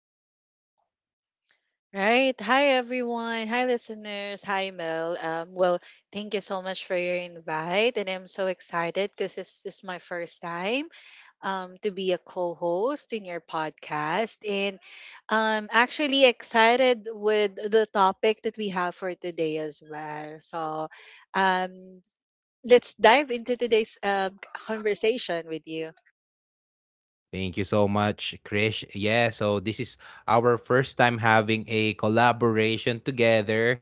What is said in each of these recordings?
Krish. Right. Hi, everyone. Hi, listeners. Hi, Mel. Thank you so much for your invite. And I'm so excited because this is my first time to be a co host in your podcast. And I'm actually excited with the topic that we have for today as well. So um, let's dive into today's conversation with you. Thank you so much, Krish. Yeah, so this is our first time having a collaboration together,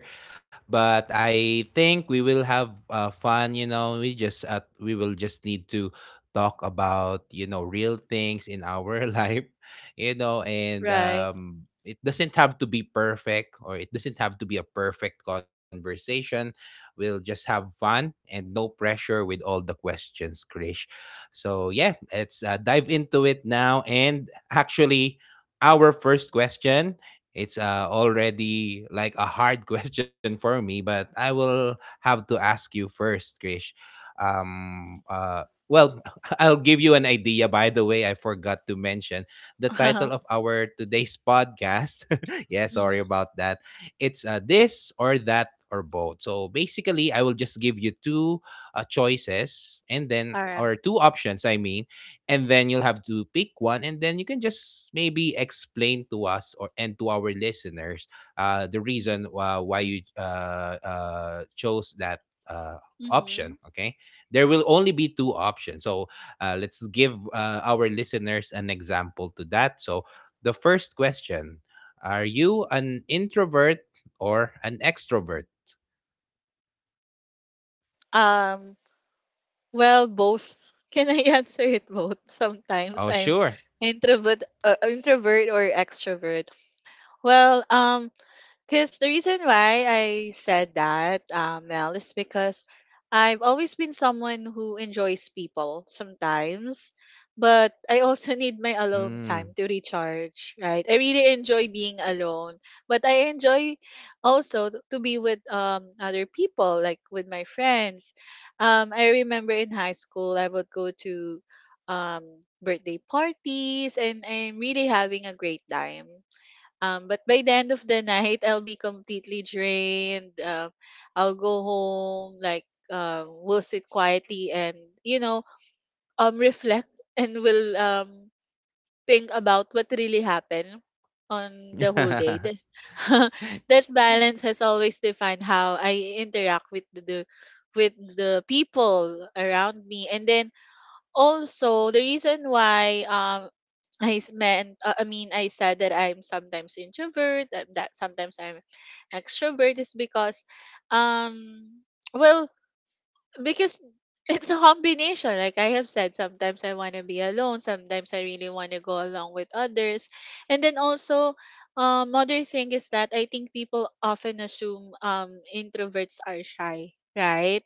but I think we will have fun. You know, we just we will just need to talk about real things in our life, you know, and Right. It doesn't have to be perfect or it doesn't have to be a perfect conversation. We'll just have fun and no pressure with all the questions, Krish. So yeah, let's dive into it now. And actually, our first question. It's already like a hard question for me, but I will have to ask you first, Krish. Well, I'll give you an idea. By the way, I forgot to mention the title of our today's podcast. Yeah, sorry Mhm. about that. It's this or that or both. So basically, I will just give you two choices, and then, All right. or two options, I mean, and then you'll have to pick one, and then you can just maybe explain to us, or and to our listeners, the reason why you chose that uh, Mm-hmm. option. Okay, there will only be two options, so let's give our listeners an example to that. So the first question: are you an introvert or an extrovert? Um, Well, both. Can I answer it both? Sometimes Oh I'm sure. introvert, uh, introvert or extrovert. Well, because the reason why I said that, Mel, is because I've always been someone who enjoys people sometimes, but I also need my alone time Mm. to recharge, right? I really enjoy being alone, but I enjoy also to be with other people, like with my friends. I remember in high school, I would go to um, birthday parties, and I'm really having a great time. But by the end of the night, I'll be completely drained. I'll go home, like we'll sit quietly and you know reflect and will think about what really happened on the whole day. That, that balance has always defined how I interact with the with the people around me, and then also, the reason why I mean I said that I'm sometimes introvert that sometimes I'm extrovert is because um well because it's a combination. Like I have said, sometimes I want to be alone, sometimes I really want to go along with others. And then also, another thing is that I think people often assume introverts are shy, right?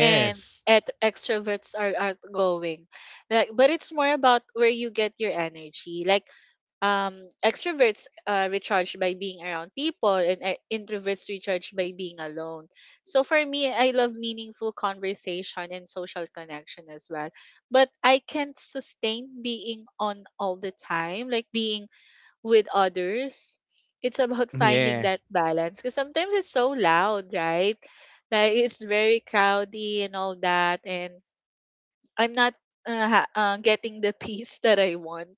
And at extroverts are outgoing. Like, but it's more about where you get your energy. Like extroverts recharge by being around people and introverts recharge by being alone. So for me, I love meaningful conversation and social connection as well, but I can't sustain being on all the time, like being with others. It's about Mm, finding yeah. that balance, because sometimes it's so loud, right? Like it's very crowded and all that, and I'm not getting the peace that I want,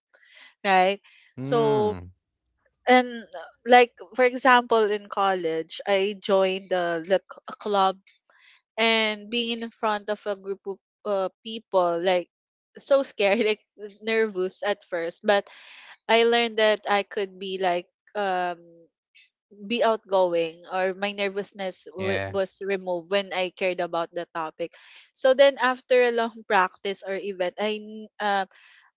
right? So, Mm. and like for example, in college, I joined a club, and being in front of a group of people, like so scared, like nervous at first. But I learned that I could be like be outgoing, or my nervousness Yeah. Was removed when I cared about the topic. So then, after a long practice or event,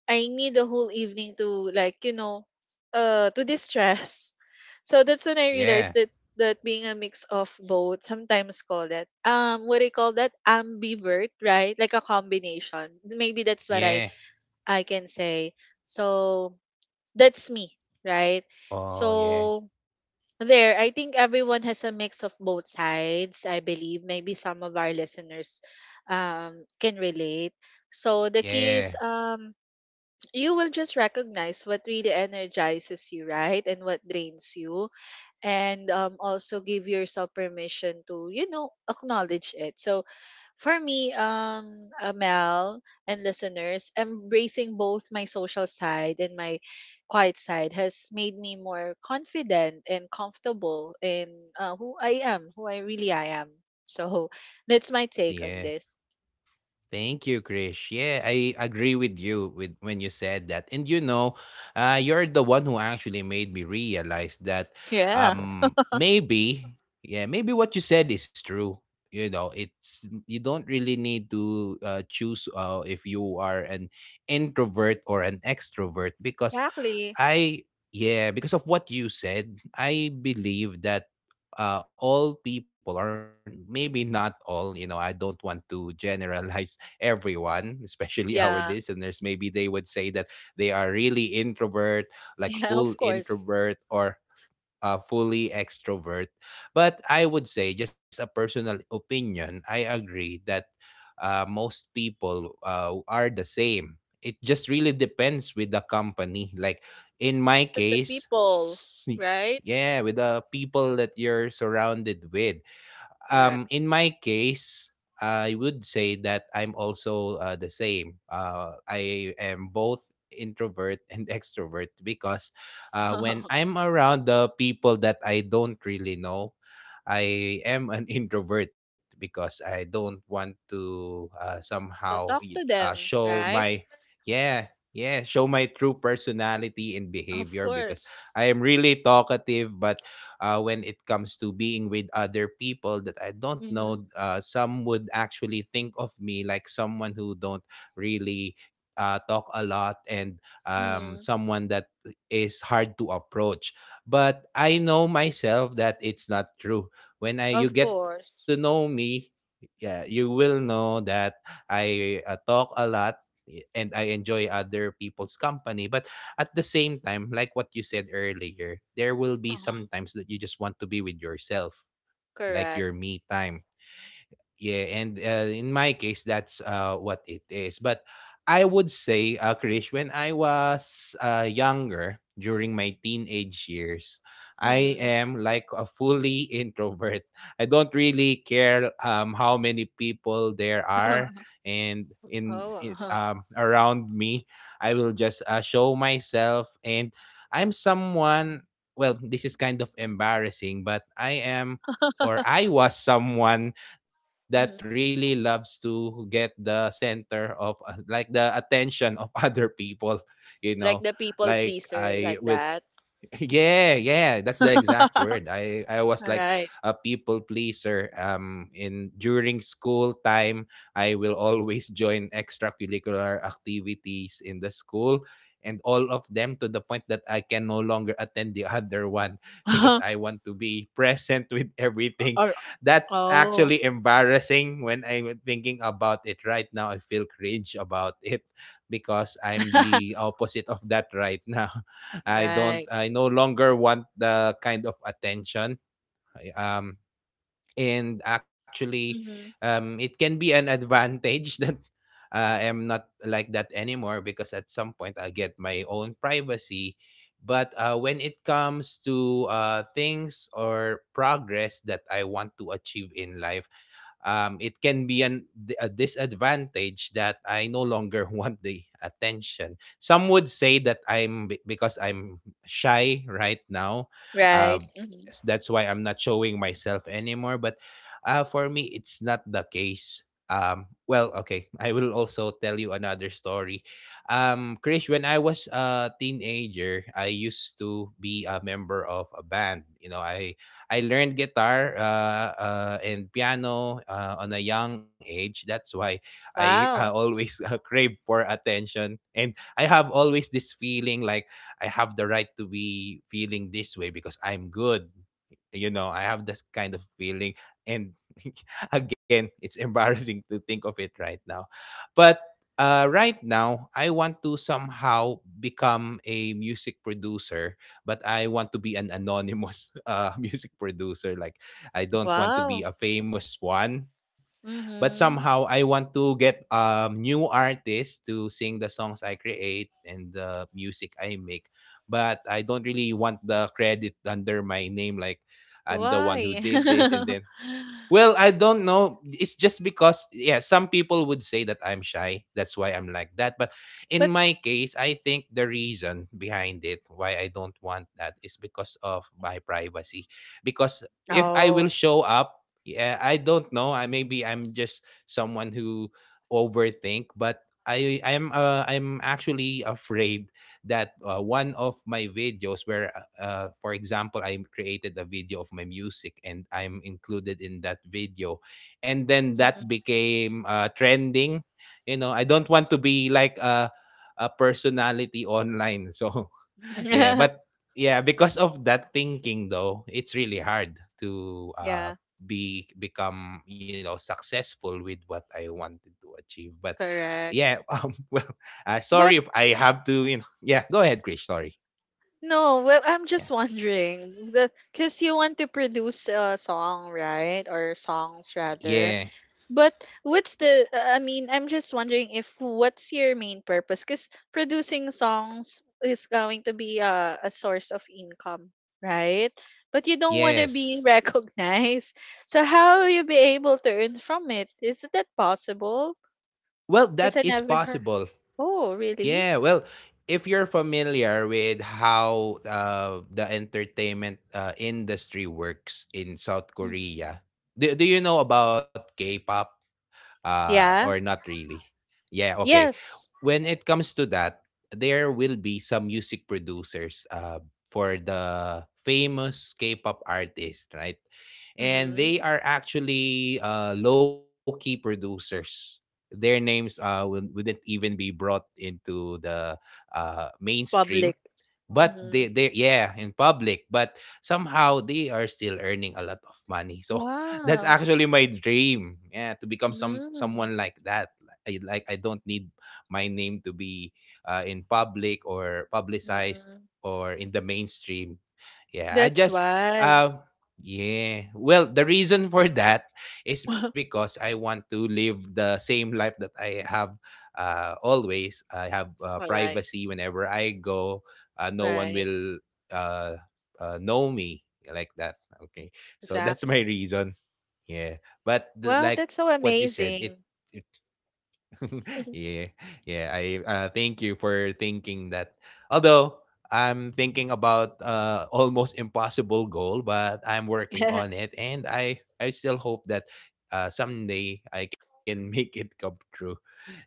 I need the whole evening to, like, you know, to distress. So that's when I Yeah. realized that that being a mix of both, sometimes call that what do you call that? Ambivert, right? Like a combination. Maybe that's what Yeah. I can say. So that's me, right? Oh, yeah. So there, I think everyone has a mix of both sides, I believe. Maybe some of our listeners can relate. So the key is Yeah. You will just recognize what really energizes you, right, and what drains you, and also give yourself permission to, you know, acknowledge it. So for me, Mel, and listeners, embracing both my social side and my quiet side has made me more confident and comfortable in who I really I am. So that's my take Yeah. on this. Thank you, Krish. Yeah, I agree with you with when you said that. And you know, you're the one who actually made me realize that, Yeah, um, maybe, yeah, maybe what you said is true. You know, it's you don't really need to choose if you are an introvert or an extrovert because exactly. I, yeah, because of what you said, I believe that all people, or maybe not all, you know, I don't want to generalize everyone, especially our Yeah. listeners. Maybe they would say that they are really introvert, like Yeah, full of course. introvert, or fully extrovert. But I would say, just a personal opinion, I agree that most people are the same. It just really depends with the company. Like in my But the case, people, s- right? yeah, with the people that you're surrounded with. Um, Correct. in my case, I would say that I'm also the same. I am both introvert and extrovert because when I'm around the people that I don't really know, I am an introvert because I don't want to somehow To talk to them, show my, right? yeah, yeah, show my true personality and Of behavior, because course. I am really talkative. But when it comes to being with other people that I don't know, Mm-hmm. Some would actually think of me like someone who don't really talk a lot, and, Mm-hmm. someone that is hard to approach. But I know myself that it's not true. When I, you Of get to know course. me, yeah, you will know that I talk a lot and I enjoy other people's company. But at the same time, like what you said earlier, there will be some times Uh-huh. that you just want to be with yourself, like your Correct. me time. Yeah, and in my case, that's what it is. But I would say, Krish, when I was younger, during my teenage years, I Mm-hmm. am like a fully introvert. I don't really care, how many people there are and Oh. in Uh, around me. I will just show myself, and I'm someone. Well, this is kind of embarrassing, but I am, or I was someone that really hmm. loves to get the center of the attention of other people, you know, Like the like people I will pleaser, like that. Yeah, yeah, that's the exact word. All I was like right. a people pleaser. In During school time, I will always join extracurricular activities in the school, and all of them, to the point that I can no longer attend the other one, because I want to be present with everything. Or That's oh. actually embarrassing when I'm thinking about it right now. I feel cringe about it because I'm the opposite of that right now. I don't Right. I no longer want the kind of attention. I- Um and actually, Mm-hmm. um, it can be an advantage that I'm not like that anymore, because at some point I get my own privacy. But when it comes to things or progress that I want to achieve in life, it can be a disadvantage that I no longer want the attention. Some would say that because I'm shy right now. Uh, Right. Mm-hmm. That's why I'm not showing myself anymore. But for me, it's not the case. Well, okay, I will also tell you another story. Krish, when I was a teenager, I used to be a member of a band. I learned guitar, and piano on a young age. That's why I Wow. always crave for attention. And I have always this feeling like I have the right to be feeling this way because I'm good. You know, I have this kind of feeling. And again, it's embarrassing to think of it right now. But right now, I want to somehow become a music producer, but I want to be an anonymous music producer. Like, I don't want Wow. to be a famous one, but Mm-hmm. somehow I want to get, new artists to sing the songs I create and the music I make. But I don't really want the credit under my name, like I'm the one who Why? did this. And then, well, I don't know. It's just because, yeah, some people would say that I'm shy. That's why I'm like that. But in But my case, I think the reason behind it, why I don't want that, is because of my privacy. Because if I will oh. show up, yeah, I don't know. I, maybe I'm just someone who overthink, but I'm actually afraid that one of my videos where, for example, I created a video of my music, and I'm included in that video, and then that Mm-mm. became, trending, you know, I don't want to be like a personality online. So yeah, but yeah, because of that thinking though, it's really hard to Yeah, be become, you know, successful with what I wanted to achieve. But yeah, correct. um, well, sorry if But I have to, you know. Yeah, go ahead, Krish, sorry. no, well, I'm Yeah. just wondering because you want to produce a song, right? Or songs Yeah. rather. But what's the, I mean, I'm just wondering if what's your main purpose? Because producing songs is going to be a source of income, right? But you don't want to be Yes. recognized. So how will you be able to earn from it? Is that possible? Well, Because that I is never heard. possible. Oh, really? Yeah, well, if you're familiar with how the entertainment industry works in South Korea, do you know about K-pop? Or Yeah. not really. Yeah, okay. Yes. When it comes to that, there will be some music producers for the famous K-pop artists, right? And Mm-hmm. they are actually low-key producers. Their names wouldn't even be brought into the mainstream, Public. but they Mm-hmm. they yeah, in public, but somehow they are still earning a lot of money. So that's Wow. actually my dream, yeah, to become Mm. someone like that. I, like, I don't need my name to be in public, or publicized, Mm-mm. or in the mainstream. Yeah, I That's just why. uh yeah. Well, the reason for that is All because I want to live the same life that I have always. I have right. privacy whenever I go. No one Right. will uh, know me like that. Okay. So that's my Exactly. reason. Yeah. But Well, like that's what so you said, it amazing. yeah, yeah. I, thank you for thinking that. Although I'm thinking about almost impossible goal, but I'm working on it, and I still hope that someday I can make it come true.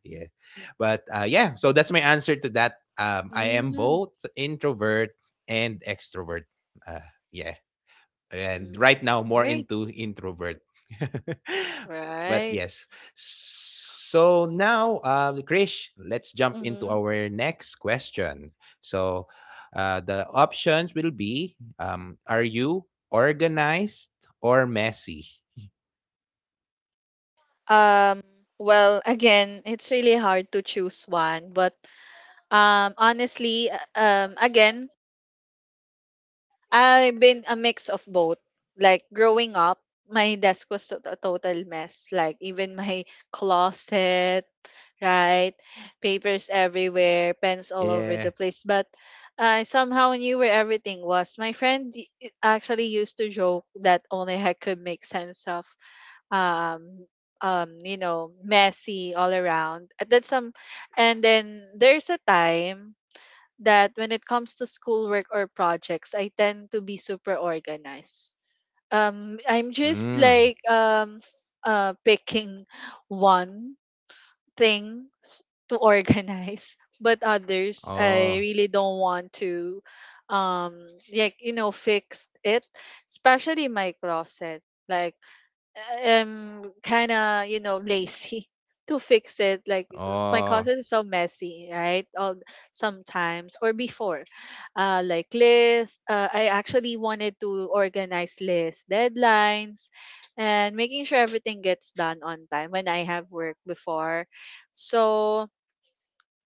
Yeah, but yeah. So that's my answer to that. I am Mm. both introvert and extrovert. Uh, yeah, and right Mm. now more Great. into introvert. But yes. Right. So now, Krish, let's jump into our Mm-hmm. next question. So the options will be, are you organized or messy? Um, well, again, it's really hard to choose one, but honestly, again, I've been a mix of both. Like growing up, my desk was a total mess. Like even my closet, right? Papers everywhere, pens all over Yeah. the place. But I somehow knew where everything was. My friend y- I- actually used to joke that only I could make sense of um you know messy all around. And That's some and then there's a time that when it comes to schoolwork or projects, I tend to be super organized. I'm just Mm. like picking one thing to organize, but others Oh. I really don't want to, um, like you know, fix it, especially my closet. Like, am kind of, you know, lazy to fix it. Like, my Oh. closet is so messy, right, all sometimes or before. Like list I actually wanted to organize list deadlines and making sure everything gets done on time when I have work before. So,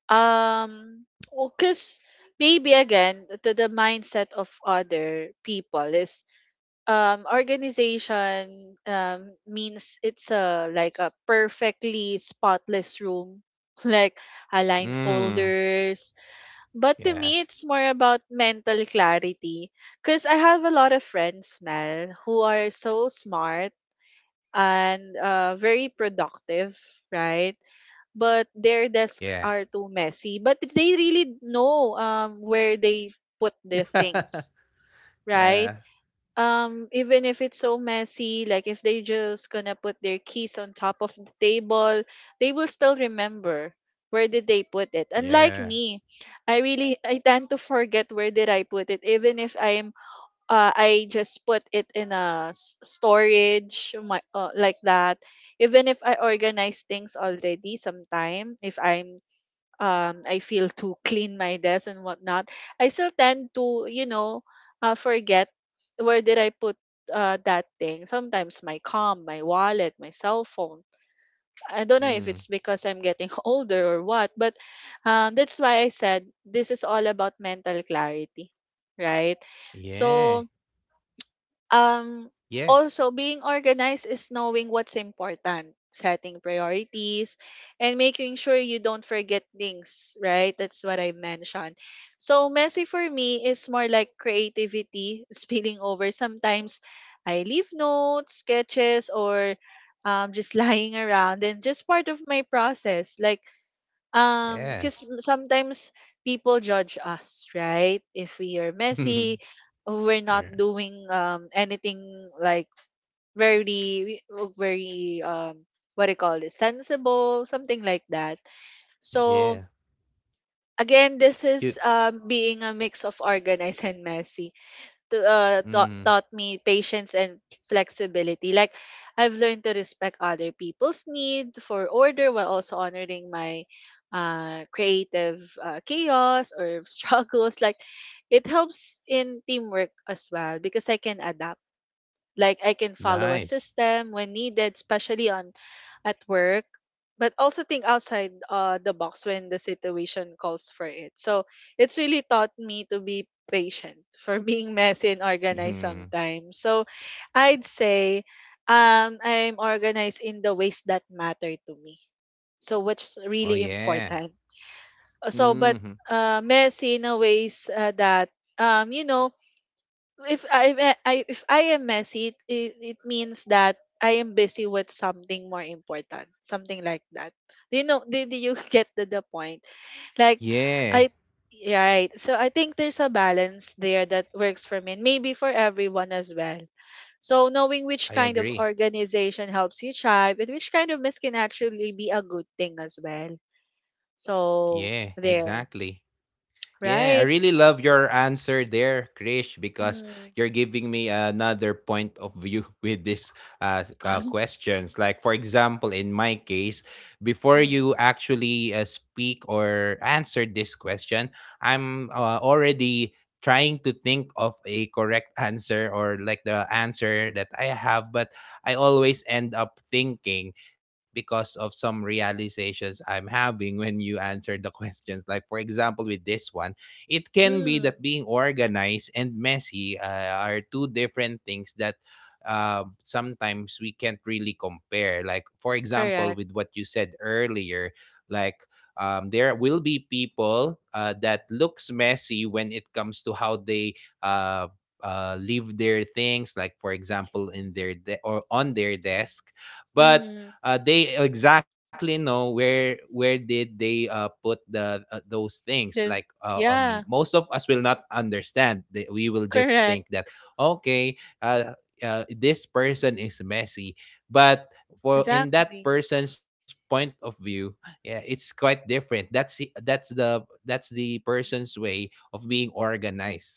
um because maybe again, the mindset of other people is organization means it's a, like, a perfectly spotless room, like aligned Mm. folders. But to Yeah. me, it's more about mental clarity, because I have a lot of friends now who are so smart and very productive, right? But their desks Yeah. are too messy, but they really know where they put their things, right? Yeah. Even if it's so messy, like if they just gonna put their keys on top of the table, they will still remember where did they put it, unlike Yeah. me. I tend to forget where did I put it, even if I'm I just put it in a storage my, like that. Even if I organize things already sometime, if I'm I feel to clean my desk and whatnot, I still tend to, you know, forget where did I put that thing. Sometimes my com, my wallet, my cell phone. I don't know if it's Mm. because I'm getting older or what, but that's why I said this is all about mental clarity, right? So, Yeah. um, Yeah. also, being organized is knowing what's important, setting priorities, and making sure you don't forget things, right? That's what I mentioned. So, messy for me is more like creativity spilling over. Sometimes I leave notes, sketches, or just lying around, and just part of my process. Like, because Yeah. sometimes people judge us, right? If we are messy, we're not Yeah. doing anything like very very what do you call it, sensible, something like that. So Yeah. again, this is You being a mix of organized and messy to, mm, taught me patience and flexibility. Like, I've learned to respect other people's need for order while also honoring my creative chaos or struggles. Like, it helps in teamwork as well because I can adapt, like I can follow a nice. system when needed, especially on at work, but also think outside the box when the situation calls for it. So it's really taught me to be patient for being messy and organized Mhm. sometimes. So I'd say I'm organized in the ways that matter to me. So which is really Oh yeah. important. So but Hmm. Messy in a ways that you know, if I if I am messy, it means that I am busy with something more important, something like that. Do you know? Did you get the point? Like, I Yeah. right. So I think there's a balance there that works for me, and maybe for everyone as well. So knowing which I kind of agree. organization helps you thrive, and which kind of mess can actually be a good thing as well. So Yeah, there, exactly. Yeah, I right? really love your answer there, Krish, because Mm-hmm. you're giving me another point of view with this questions. Like, for example, in my case, before you Mm-hmm. actually speak or answer this question, I'm already trying to think of a correct answer, or like the answer that I have, but I always end up thinking because of some realizations I'm having when you answer the questions. Like, for example, with this one, it can be Mm-hmm. that being organized and messy are two different things that sometimes we can't really compare. Like, for example, Correct. with what you said earlier, like, there will be people that looks messy when it comes to how they uh, leave their things, like for example in their or on their desk, but Mm-hmm. They exactly know where did they put the those things, like The, yeah, most of us will not understand. We will just correct. think that, okay, this person is messy, but for in that Exactly. person's point of view, yeah, it's quite different. That's the person's way of being organized.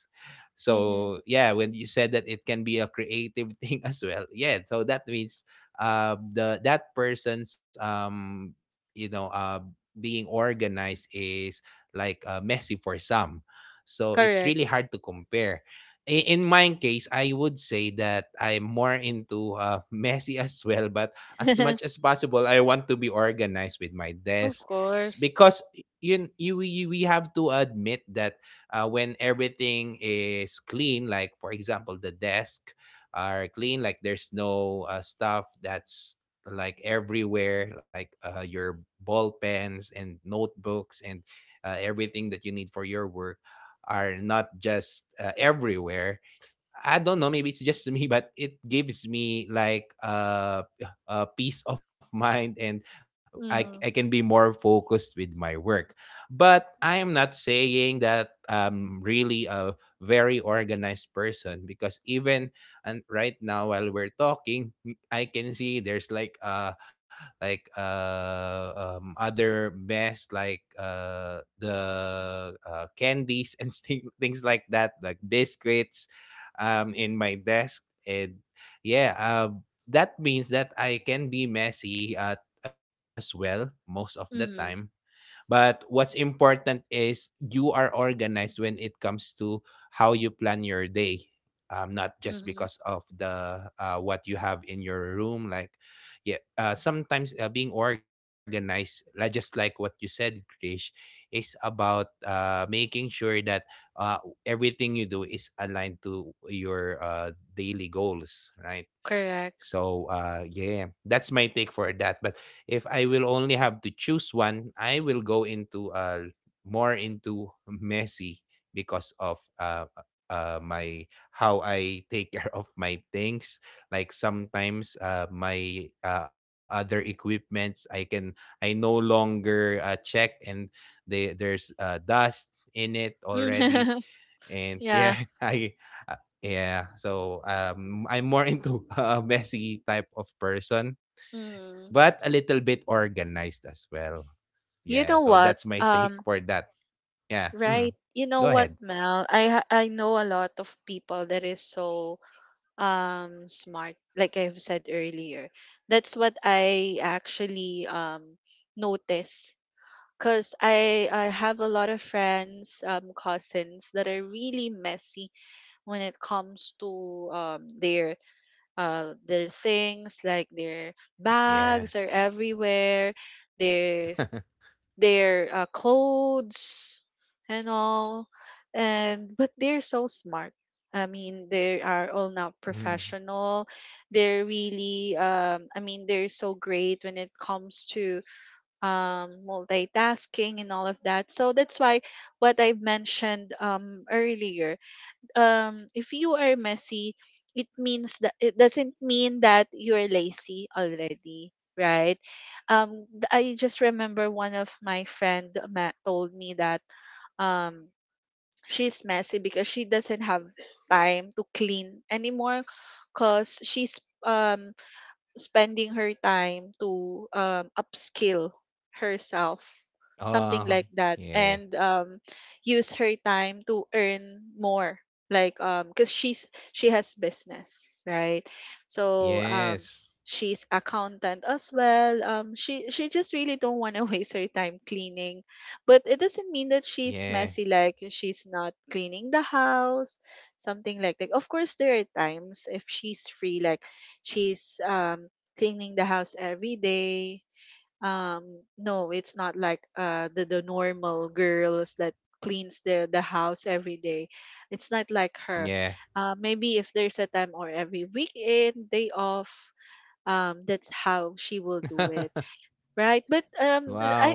Mm-hmm. So yeah, when you said that it can be a creative thing as well, yeah, so that means the that person's you know uh being organized is like messy for some. So it's really Correct. hard to compare. In my case, I would say that I'm more into messy as well, but as much as possible I want to be organized with my Of desk. Course. Because you we have to admit that when everything is clean, like for example the desk are clean, like there's no stuff that's like everywhere, like your ball pens and notebooks and everything that you need for your work are not just everywhere. I don't know, maybe it's just me, but it gives me like a peace of mind, and I, Mm-hmm. I can be more focused with my work. But I am not saying that I'm really a very organized person, because even and right now while we're talking, I can see there's like other mess, like the candies and things like that, like biscuits, in my desk. And yeah, that means that I can be messy at as well most of the Mm-hmm. time. But what's important is you are organized when it comes to how you plan your day. Not just Mm-hmm. because of the what you have in your room, like yeah, sometimes being organized, like just like what you said, Krish, is about making sure that uh, everything you do is aligned to your daily goals, right? Correct. So yeah, that's my take for that. But if I will only have to choose one, I will go into more into messy because of my, how I take care of my things. Like sometimes my other equipments I can I no longer check, and they there's dust in it already. And Yeah. yeah, I uh, yeah, so I'm more into a messy type of person, Mm. but a little bit organized as well. Yeah, You so know that's what? my take for that. Yeah. Mm. Right. You Go know ahead. what, Mel? I know a lot of people that is so smart, like I've said earlier. That's what I actually notice. Cause I have a lot of friends, cousins that are really messy when it comes to their things, like their Yeah. bags are everywhere, their their clothes and all, and but they're so smart. I mean, they are all now Mm. professional. They're really I mean they're so great when it comes to multitasking and all of that. So that's why what I've mentioned earlier. If you are messy, it doesn't mean that you're lazy already, right? I just remember one of my friend told me that um, she's messy because she doesn't have time to clean anymore, cause she's um spending her time to upskill herself something Oh, like that, yeah. and use her time to earn more, like because she has business, right? So Yes. she's accountant as well. She just really don't want to waste her time cleaning, but it doesn't mean that she's messy, Yeah. like she's not cleaning the house, something like that. Of course there are times if she's free, like she's cleaning the house every day. No, it's not like uh, Yeah. the the normal girls that cleans the house every day. It's not like her. Yeah. Maybe if there's a time or every weekend day off, that's how she will do it, right? But Wow. I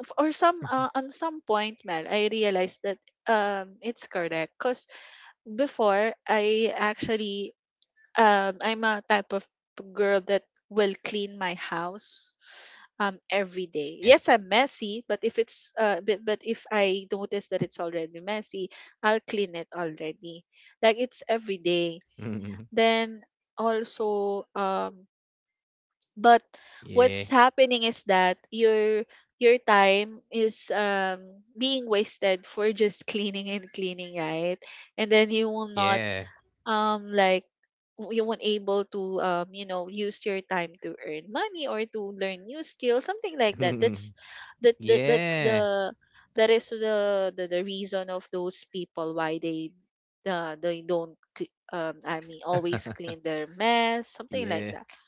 or some, on some point, Mel, I realized that it's correct because before I actually, I'm a type of girl that will clean my house every day. Yes, Yeah. I'm messy, but if I notice that it's already messy, I'll clean it already. Like it's every day. Mm. Then also but what's Yeah. happening is that your time is being wasted for just cleaning and cleaning, right? And then you will not Yeah. Like, you weren't able to use your time to earn money or to learn new skills, something like that. That's that, that that's yeah. the that is the reason of those people why they don't cl- I mean always clean their mess, something like that. yeah.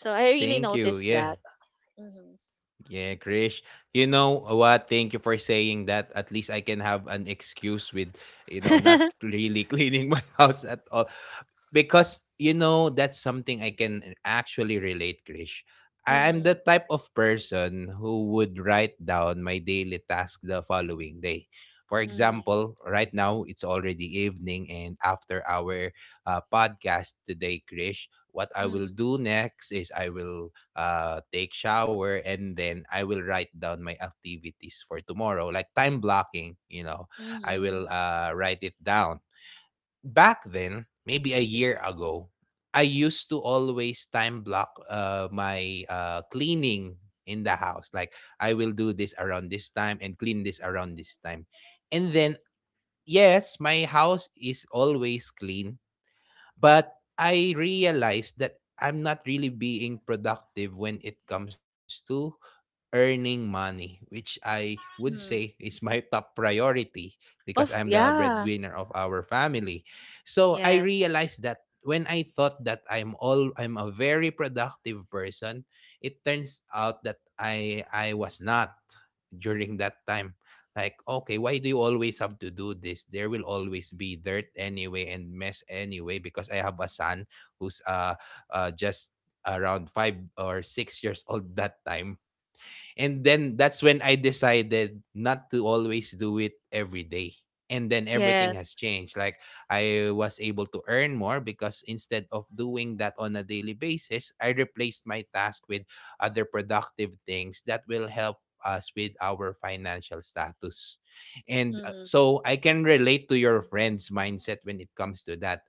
So I really Thank noticed you. that. Yeah. hmm Yeah, Krish. You know what? Thank you for saying that. At least I can have an excuse with, not really cleaning my house at all. Because, that's something I can actually relate, Krish. I am the hmm type of person who would write down my daily task the following day. For hmm example, right now it's already evening, and after our podcast today, Krish, what I will hmm do next is I will take shower, and then I will write down my activities for tomorrow, like time blocking. You know, I hmm will write it down. Back then, maybe a year ago, I used to always time block my cleaning in the house. Like I will do this around this time and clean this around this time, and then yes, my house is always clean, but I realized that I'm not really being productive when it comes to earning money, which I would say is hmm my top priority because I'm of the yeah. breadwinner of our family. So I Yes, realized that when I thought that I'm a very productive person, it turns out that I was not during that time. Like, okay, why do you always have to do this? There will always be dirt anyway and mess anyway because I have a son who's just around 5 or 6 years old that time. And then that's when I decided not to always do it every day. And then everything has yes. changed. Like I was able to earn more because instead of doing that on a daily basis, I replaced my task with other productive things that will help us with our financial status. And hmm so I can relate to your friend's mindset when it comes to that.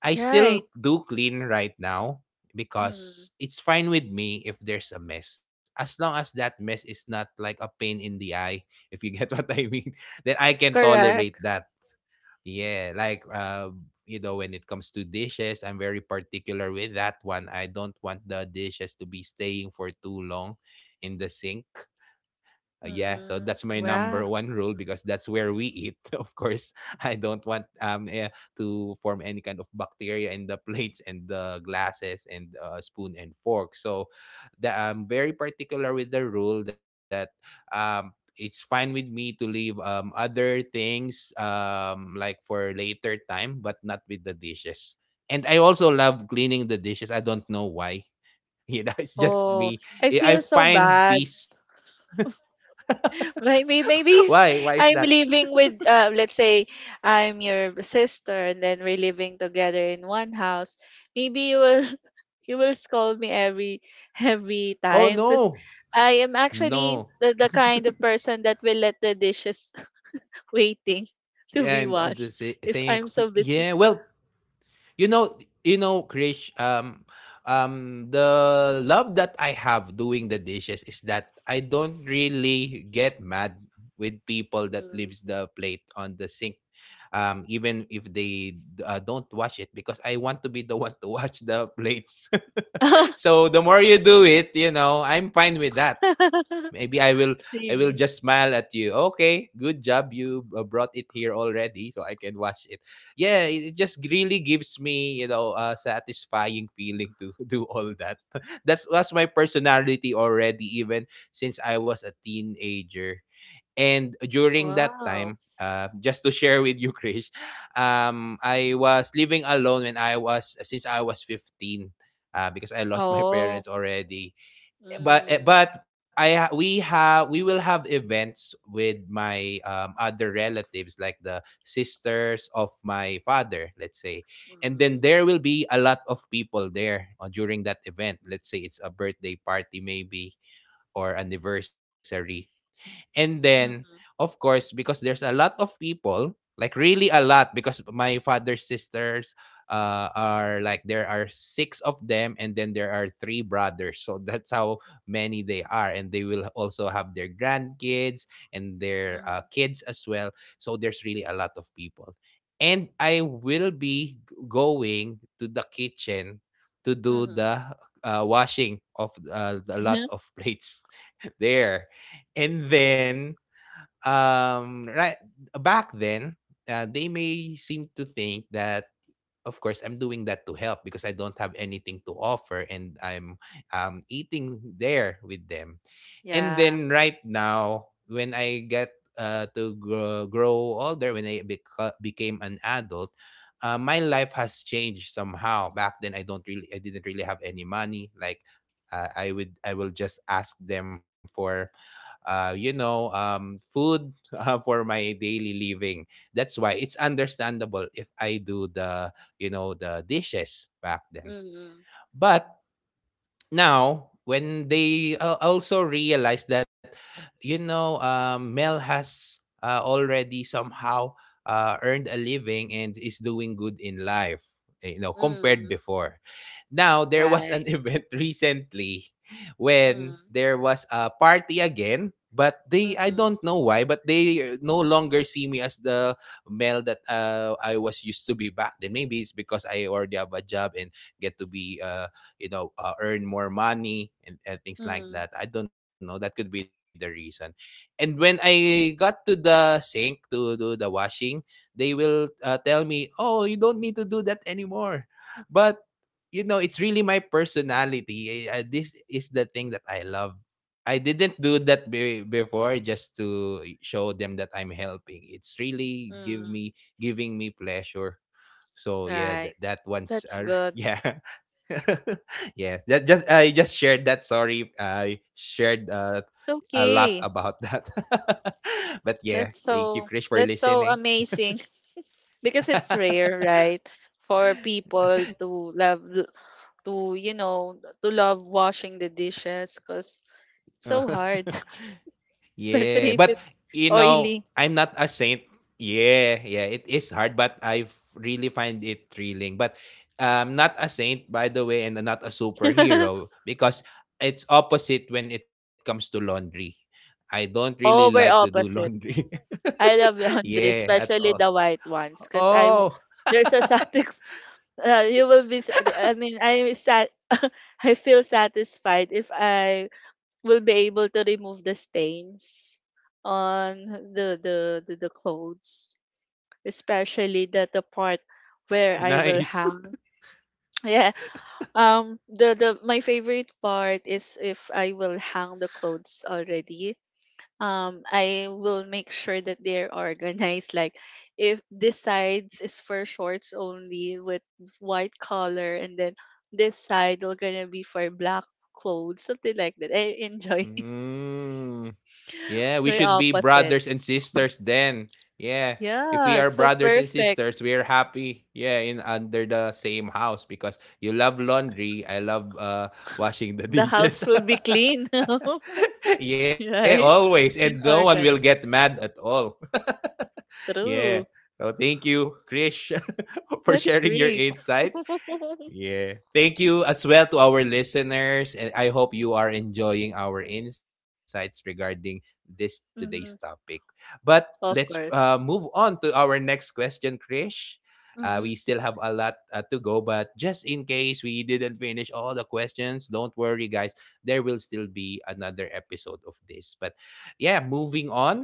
I still right. do clean right now Mm, because it's fine with me if there's a mess. As long as that mess is not like a pain in the eye, if you get what I mean, then I can tolerate correct. that. Yeah, like you know when it comes to dishes, I'm very particular with that one. I don't want the dishes to be staying for too long in the sink. Yeah, so that's Mhm. my number Yeah. one rule because that's where we eat. Of course, I don't want to form any kind of bacteria in the plates and the glasses and spoon and fork. So, I'm very particular with the rule that it's fine with me to leave other things like for later time, but not with the dishes. And I also love cleaning the dishes. I don't know why. You know, it's just Oh, me. I I feel so find bad. peace. Maybe Why? maybe Why if is that? I'm living with, let's say I'm your sister and then we're living together in one house, maybe you will you will scold me every Oh, time because no. I am actually No. the kind of person that will let the dishes waiting to be And the washed if saying, I'm so busy. "Yeah, well, you know, Krish, the love that I have doing the dishes is that I don't really get mad with people that leaves Mm. the plate on the sink, even if they don't wash it because I want to be the one to wash the plates. So the more you do it, I'm fine with that. Maybe I will just Really? smile at you. Okay, good job. You brought it here already, so I can wash it. Yeah, it just really gives me, a satisfying feeling to do all that. That's my personality already, even since I was a teenager. And during that time, Wow. Just to share with you, Krish, I was living alone when I was since I was 15, because I lost my Oh, parents already. But mm, but we will have events with my other relatives, like the sisters of my father, let's say, and then mm, there will be a lot of people there during that event, let's say it's a birthday party, maybe, or anniversary, and then, mhm, of course, because there's a lot of people, like really a lot, because my father's sisters are like there are six of them, and then there are three brothers. So that's how many they are. And they will also have their grandkids and their mhm, kids as well. So there's really a lot of people. And I will be going to the kitchen to do mhm. the washing of a lot of plates there. And then right back then, they may seem to think that of course I'm doing that to help because I don't have anything to offer and I'm eating there with them. And Yeah. then right now, when I get to grow older when I became an adult, my life has changed somehow. Back then, I didn't really have any money, like I will just ask them for food for my daily living. That's why it's understandable if I do the dishes back then. Mhm, But now when they also realize that you know Mel has already somehow earned a living and is doing good in life, you know, compared mhm. before. Now there was an Right. event recently when Mhm, there was a party again, but they, I mhm, don't know why, but they no longer see me as the Mel that I was used to be back then. Maybe it's because I already have a job and get to be you know, earn more money and things like mm, that. I don't know, that could be the reason. And when I got to the sink to do the washing, they will tell me, "Oh, you don't need to do that anymore." But you know, it's really my personality. This is the thing that I love. I didn't do that before just to show them that I'm helping. It's really give mm. me, giving me pleasure. So yeah, Right. that one's That's good. yeah. Yes, that just I just shared that. Sorry, I shared It's a lot okay. about that. But yeah, thank you, Chris, for That's so listening. amazing. Because it's rare, right? For people to love to, you know, to love washing the dishes, because it's so Uh, hard, Yeah, especially if but it's you know, oily. I'm not a saint. Yeah, yeah, it is hard, but I really find it thrilling. But not a saint, by the way, and not a superhero because it's opposite when it comes to laundry. I don't really Oh, we're like to do opposite. laundry. I love laundry, Yeah, at especially the all. white ones, because I won't. Oh, There's a satis. You will be. I mean, I sat. I feel satisfied if I will be able to remove the stains on the clothes, especially the part where I will nice. hang. Yeah. The my favorite part is if I will hang the clothes already. I will make sure that they're organized. Like if this side is for shorts only with white collar, and then this side will gonna be for black clothes, something like that. I enjoy it. Mm. Yeah, we Very should be opposite. brothers and sisters then. Yeah. Yeah, If it's we are so brothers and perfect. sisters, we are happy. Yeah, in under the same house because you love laundry, I love The washing the house will be dishes. clean. Yeah, Right? always. And And no one will organic. get mad at all. Yeah. True. So thank you, Krish, for That's sharing your great. insights. Yeah. Thank you as well to our listeners. And I hope you are enjoying our insights regarding this today's Mhm. topic. But Of let's course. move on to our next question, Krish. Hmm We still have a lot to go, but just in case we didn't finish all the questions, don't worry, guys. There will still be another episode of this. But yeah, moving on,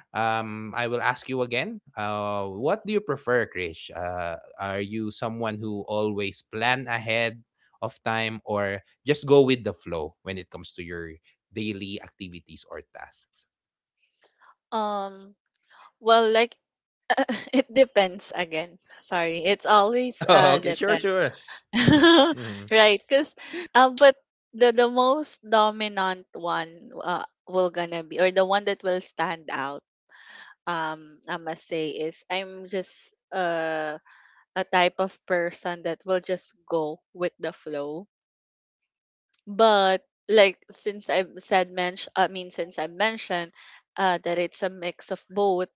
I will ask you again. What do you prefer, Krish? Are you someone who always plan ahead of time, or just go with the flow when it comes to your daily activities or tasks? Um well like it depends again. Sorry. It's always Oh, okay, sure, depend. sure. Mhm. Right? Cause But the most dominant one, will gonna be, or the one that will stand out, I must say, is I'm just a type of person that will just go with the flow. But like, since I mentioned that it's a mix of both,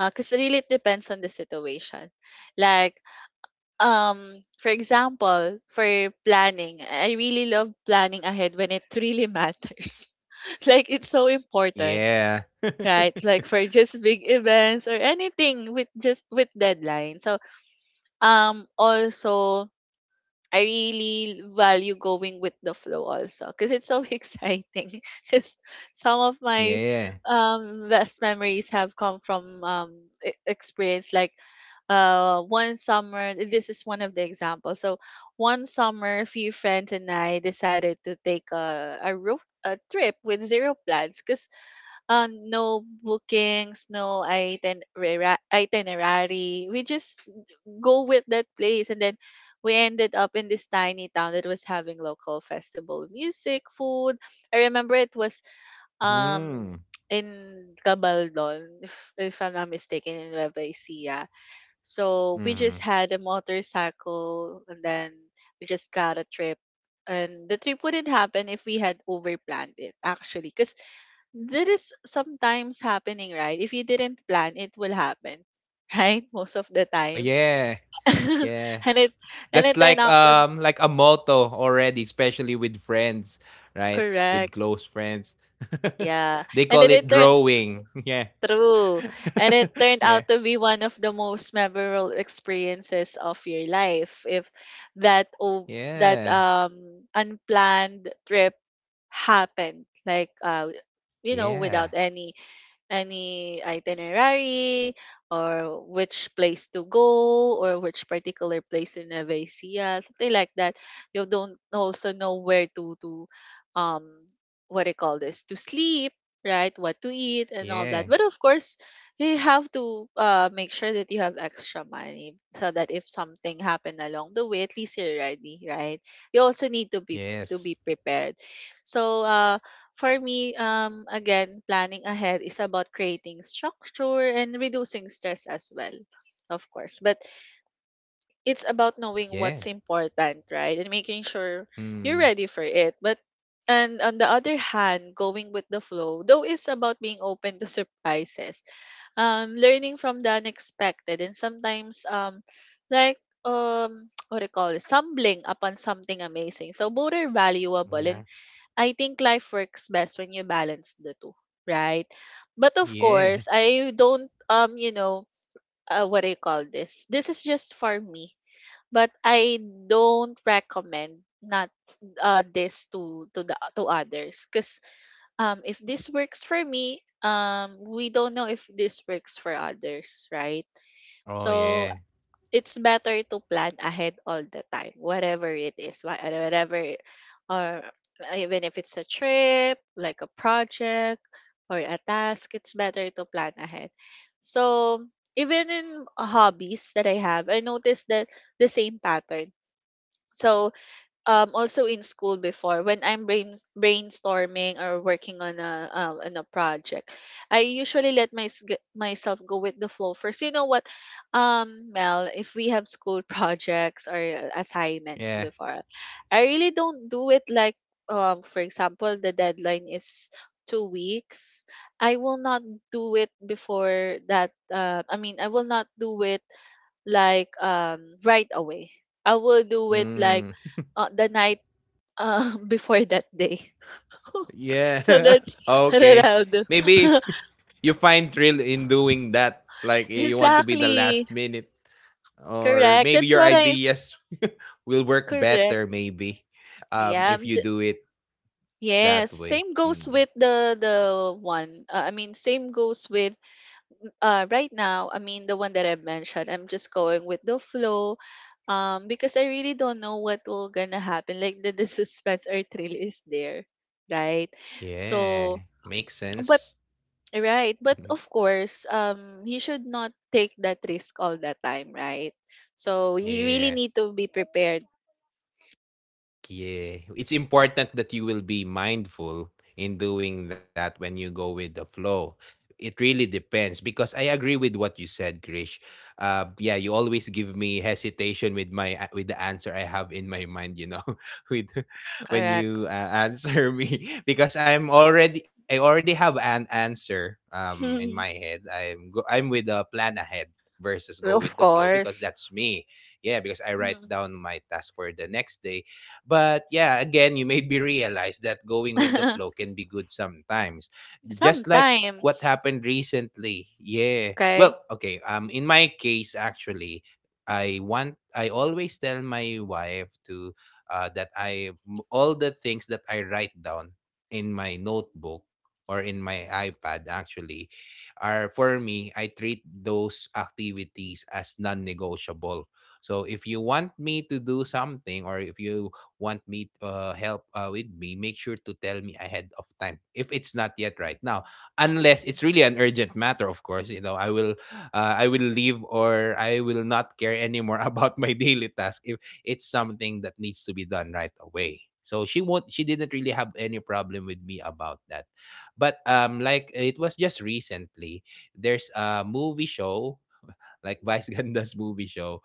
cause really it depends on the situation. Like for example, for planning, I really love planning ahead when it really matters. Like it's so important, Yeah, right? Like for just big events or anything with just with deadlines. So also, I really value going with the flow also, because it's so exciting. Because some of yeah. my best memories have come from experience, like one summer. This is one of the examples. So one summer, a few friends and I decided to take a trip with zero plans, because no bookings, no itinerary. We just go with that place. And then we ended up in this tiny town that was having local festival, music, food. I remember it was Mm. um in Cabaldon, if I'm not mistaken, in Nueva Ecija. So we Hmm. just had a motorcycle, and then we just got a trip. And the trip wouldn't happen if we had overplanned it, actually. Because that is sometimes happening, right? If you didn't plan, it will happen, right? Most of the Oh, time. yeah, yeah. And it and That's it turned out to like a motto already, especially with friends, right? With correct. close friends. Yeah. They And it, call it it turned drawing. Yeah. True. And it turned Yeah. out to be one of the most memorable experiences of your life. If that, oh, that Yeah. Unplanned trip happened, like, you know, Yeah. without any any itinerary or which place to go or which particular place in Nevesia, something like that. You don't also know where to um what do you call this, to sleep, right? What to eat and all that. Yeah. But of course, you have to make sure that you have extra money so that if something happened along the way, at least you're ready, right? You also need to be Yes. prepared. So for me, again, planning ahead is about creating structure and reducing stress as well, of course. But it's about knowing Yeah. what's important, right? And making sure you're Mm. ready for it. But and on the other hand, going with the flow, though, is about being open to surprises, learning from the unexpected, and sometimes what do you call it, stumbling upon something amazing. So both are valuable, Yeah. and I think life works best when you balance the two, right? But of Yeah. course, I don't what I call this. This is just for me, but I don't recommend not this to the to others, because if this works for me, we don't know if this works for others, right? Oh So yeah. it's better to plan ahead all the time, whatever it is, whatever, it- or even if it's a trip, like a project or a task, it's better to plan ahead. So even in hobbies that I have, I noticed that the same pattern. So also in school before, when I'm brainstorming or working on a project, I usually let myself go with the flow first. You know what, Mel, if we have school projects or assignments Yeah. before, I really don't do it like for example, the deadline is 2 weeks. I will not do it before that. I mean, I will not do it like right away. I will do it like Mm. The night, before that day. So Yeah. that's Okay. Ronaldo. Maybe you find thrill in doing that. Like you want to be the Exactly. last minute. Or Correct. maybe That's your what I ideas will work better, correct. maybe. Yeah. If you do it Yes. that way. Same goes with Mm. the one. I mean, same goes with right now. I mean, the one that I mentioned. I'm just going with the flow because I really don't know what will gonna happen. Like the suspense or thrill is there, right? Yeah. So, Makes sense. but right, but of course, you should not take that risk all the time, right? So you really Yeah. need to be prepared. Yeah, it's important that you will be mindful in doing that when you go with the flow. It really depends because I agree with what you said, Grish. Yeah, you always give me hesitation with my with the answer I have in my mind. You know, with when Correct. you answer me because I already have an answer in my head. I'm with a plan ahead versus go with the Of flow because course. that's me. Yeah, because I write Mhm. down my task for the next day, but yeah, again, you made me realize that going with the flow can be good sometimes. Just like what Sometimes, happened recently. Yeah. Well, okay. okay. In my case, actually, I want. I always tell my wife to that all the things that I write down in my notebook or in my iPad actually are for me. I treat those activities as non-negotiable. So if you want me to do something or if you want me help with me, make sure to tell me ahead of time if it's not yet right now. Unless it's really an urgent matter, of course, you know, I will leave or I will not care anymore about my daily task if it's something that needs to be done right away. So she didn't really have any problem with me about that. But like it was just recently, there's a movie show like Vice Ganda's movie show,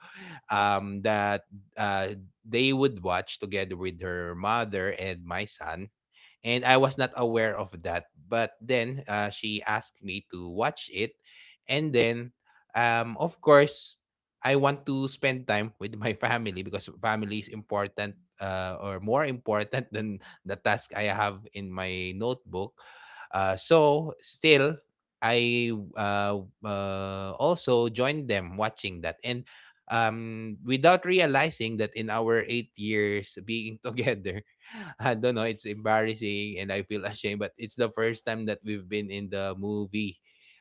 that uh, they would watch together with her mother and my son, and I was not aware of that. But then she asked me to watch it, and then, of course, I want to spend time with my family because family is important, or more important than the task I have in my notebook. So still, I also joined them watching that, and without realizing that in our 8 years being together, I don't know. It's embarrassing, and I feel ashamed. But it's the first time that we've been in the movie,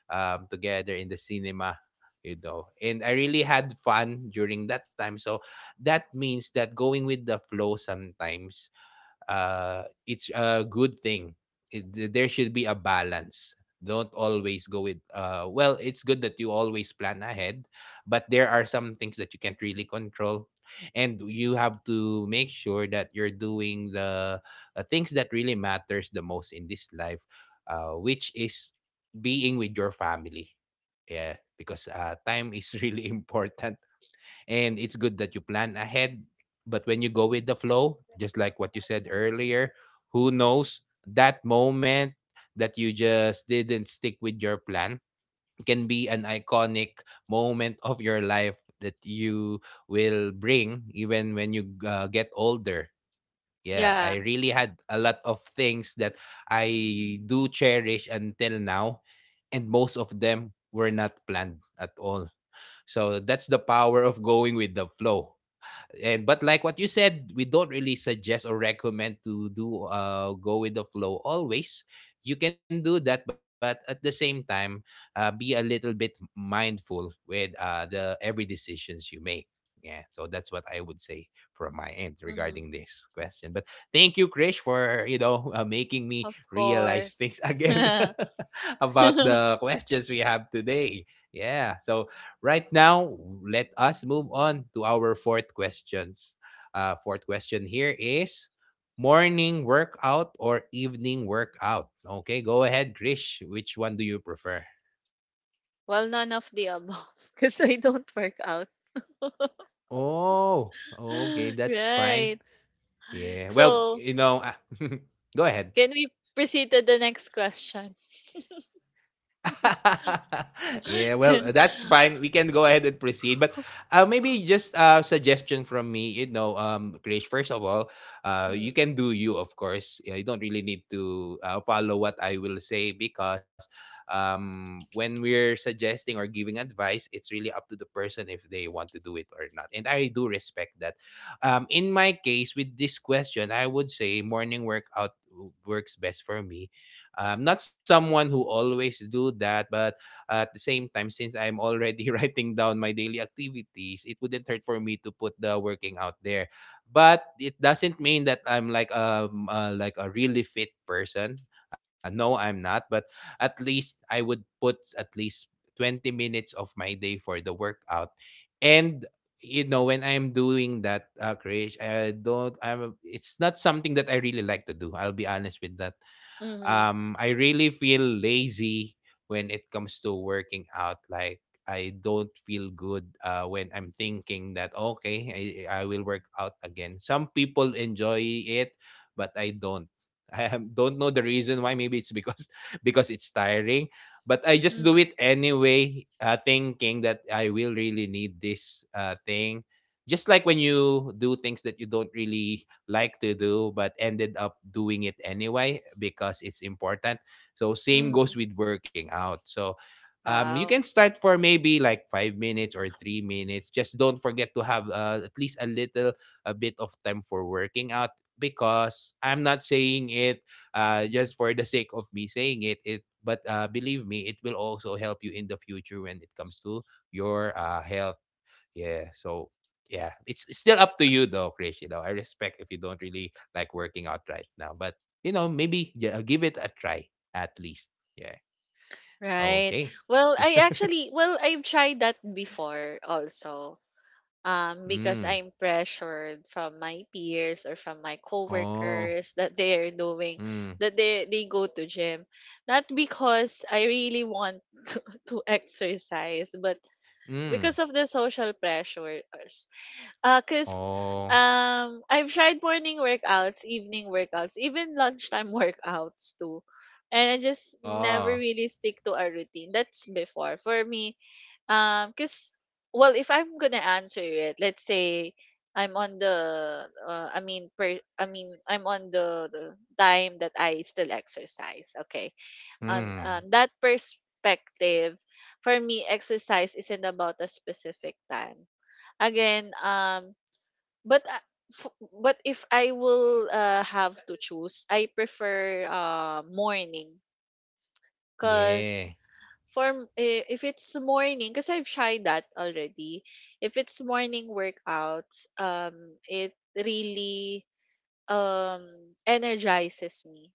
together in the cinema. You know, and I really had fun during that time. So that means that going with the flow sometimes, it's a good thing. There should be a balance. Don't always go with, well, it's good that you always plan ahead, but there are some things that you can't really control. And you have to make sure that you're doing the things that really matters the most in this life, which is being with your family. Yeah, because time is really important and it's good that you plan ahead. But when you go with the flow, just like what you said earlier, who knows that moment that you just didn't stick with your plan can be an iconic moment of your life that you will bring even when you get older. Yeah, Yeah. I really had a lot of things that I do cherish until now, and most of them were not planned at all. So that's the power of going with the flow. And but like what you said, we don't really suggest or recommend to do, uh, go with the flow always. You can do that, but at the same time, be a little bit mindful with the every decisions you make. Yeah, so that's what I would say from my end regarding Mhm. this question. But thank you, Krish, for you know making me Of realize things course. again about Well, the questions we have today. Yeah, so right now, let us move on to our fourth questions. Fourth question here is morning workout or evening workout? Okay, go ahead, Krish. Which one do you prefer? none of the above, because I don't work out. Oh, okay, that's fine. Right. Yeah. Well, So, you know, ah, go ahead. can we proceed to the next question? Yeah, Mm, well, that's fine. We can go ahead and proceed. But maybe just a suggestion from me, you know, Krish, first of all, you can do you, of course. Yeah, you don't really need to follow what I will say because when we're suggesting or giving advice, it's really up to the person if they want to do it or not. And I do respect that. In my case, with this question, I would say morning workout works best for me. I'm not someone who always do that, but at the same time, since I'm already writing down my daily activities, it wouldn't hurt for me to put the working out there. But it doesn't mean that I'm like a really fit person. No, I'm not. But at least I would put at least 20 minutes of my day for the workout, and you know, when I'm doing that, uh, Krish, I'm it's not something that I really like to do. I'll be honest with that. mm-hmm, Um, I really feel lazy when it comes to working out. Like, I don't feel good when I'm thinking that, okay, I will work out again. Some people enjoy it, but I don't. Don't know the reason why. Maybe it's because because it's tiring, but I just do mm-hmm, it anyway, thinking that I will really need this thing, just like when you do things that you don't really like to do but ended up doing it anyway because it's important. So same mm-hmm. goes with working out. So, you can Wow. start for maybe like 5 minutes or 3 minutes. Just don't forget to have at least a bit of time for working out, because I'm not saying it just for the sake of me saying it. It, but believe me, it will also help you in the future when it comes to your health. Yeah. So yeah, it's still up to you though, Chris. You know, I respect if you don't really like working out right now, but you know, maybe yeah, give it a try at least. Yeah. Right. Okay. Well, I actually, well, I've tried that before also. Because Mm. I'm pressured from my peers or from my Oh. coworkers that they are doing, Mm. that they go to gym. Not because I really want to, to exercise, but because Mm. of the social pressure. Cause Oh. I've tried morning workouts, evening workouts, even lunchtime workouts too. And I just never Oh. really stick to a routine. That's before. For me, cause well, if I'm gonna answer it, let's say I'm on the I mean per I mean I'm on the time that I still exercise. Okay. Mm. On that perspective, for me, exercise isn't about a specific time again, but uh, but if I will have to choose, I prefer morning Yeah. because for if it's morning, because I've tried that already. If it's morning workouts, it really um energizes me.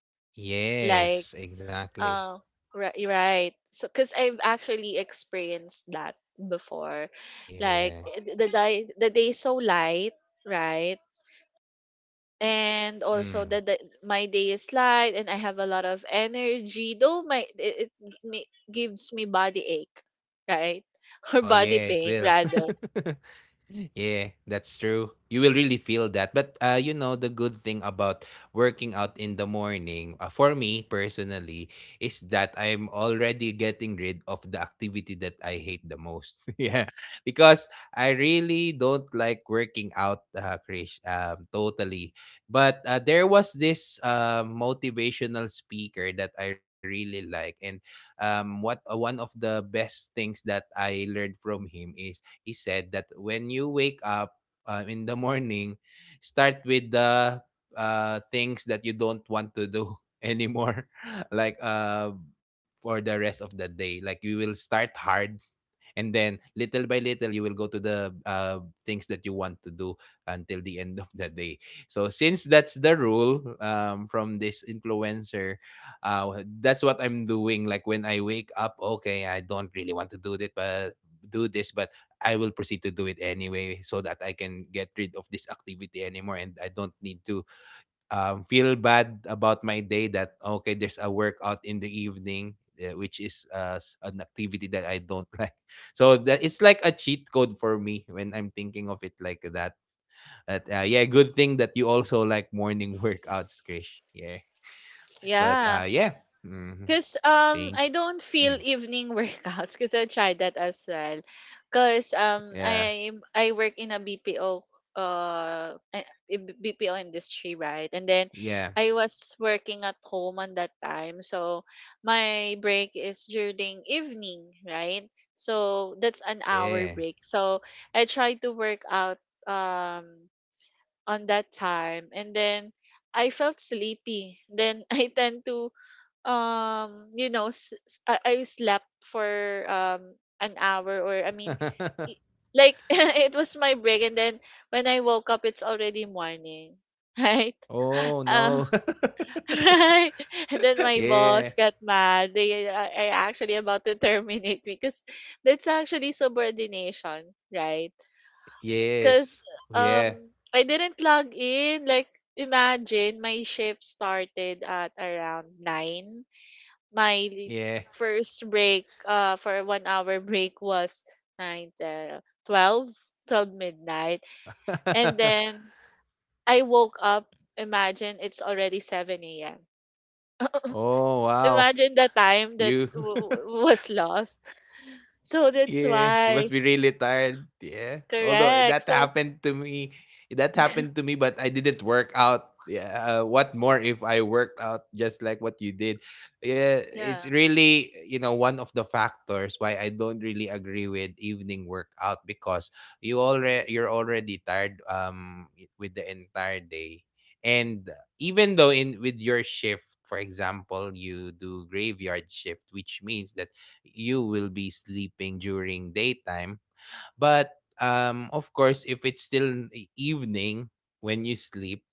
Like Yes. Exactly. uh, right. So because I've actually experienced that before, like Yeah. The day so light, right? And also Mm. My day is light and I have a lot of energy. Though my it gives me body ache, right? Oh Or body yeah, it pain will. rather. Yeah, that's true. You will really feel that. But you know, the good thing about working out in the morning, for me personally, is that I'm already getting rid of the activity that I hate the most. Yeah, because I really don't like working out, Krish, totally. But there was this motivational speaker that I really like, and what one of the best things that I learned from him is he said that when you wake up in the morning, start with the things that you don't want to do anymore like for the rest of the day, like you will start hard and then little by little you will go to the things that you want to do until the end of the day. So since that's the rule, from this influencer, that's what I'm doing. Like when I wake up, okay, I don't really want to do that, but do this, but I will proceed to do it anyway so that I can get rid of this activity anymore and I don't need to feel bad about my day that okay, there's a workout in the evening, which is an activity that I don't like. So that it's like a cheat code for me when I'm thinking of it like that. But, yeah, good thing that you also like morning workouts, Krish. Yeah, but Yeah. Yeah, Because think, I don't feel evening workouts because I tried that as well. Because yeah, I work in a BPO uh eh, BPO industry, right? And then yeah, I was working at home on that time, so my break is during evening, right? So that's an hour yeah. break. So I tried to work out um on that time, and then I felt sleepy, then I tend to I slept for um an hour. Or I mean, i- like it was my break, and then when I woke up it's already morning right? Oh uh, no. right. And then my Yeah. boss got mad. They I actually about to terminate me, because that's actually subordination, right? Because Yes. Yeah, um I didn't log in. Like, imagine my shift started at around 9. my l- yeah. First break for a 1 hour break was 9 10, 12 12 midnight. And then I woke up, imagine it's already 7 a.m. Oh, wow. Imagine the time You. that was lost. So that's Yeah, you must be why. really tired. Yeah. Although Correct. that So happened to me, that happened to me, but I didn't work out. Yeah. What more if I worked out just like what you did? Yeah. yeah. It's really, you know, one of the factors why I don't really agree with evening workout because you're already tired, with the entire day, and even though in with your shift, for example, you do graveyard shift, which means that you will be sleeping during daytime. But of course, if it's still in the evening when you sleep,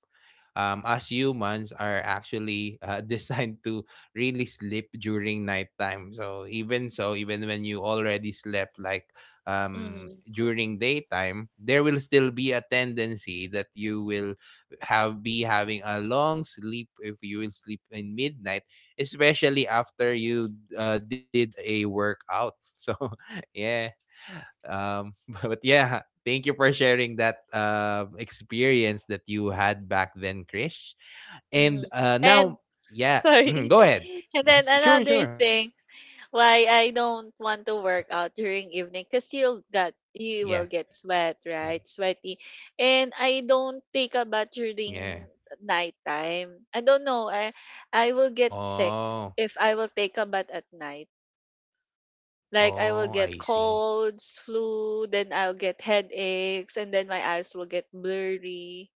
as humans are actually designed to really sleep during nighttime. So, even when you already slept like Mm-hmm, during daytime, there will still be a tendency that you will have be having a long sleep if you will sleep in midnight, especially after you did a workout. So yeah, um, but yeah, thank you for sharing that experience that you had back then, Krish. And mm-hmm. And now, yeah, mhm, sorry. go ahead. And then Yes, sure, another sure. thing why I don't want to work Yeah, out during evening, because mhm, you will get sweat, right? Sweaty. And I don't take a bath during yeah. nighttime. I don't know. I will get sick Oh, if I will take a bath at night. Like, I will oh, get I see. colds, flu, then I'll get headaches, and then my eyes will get blurry.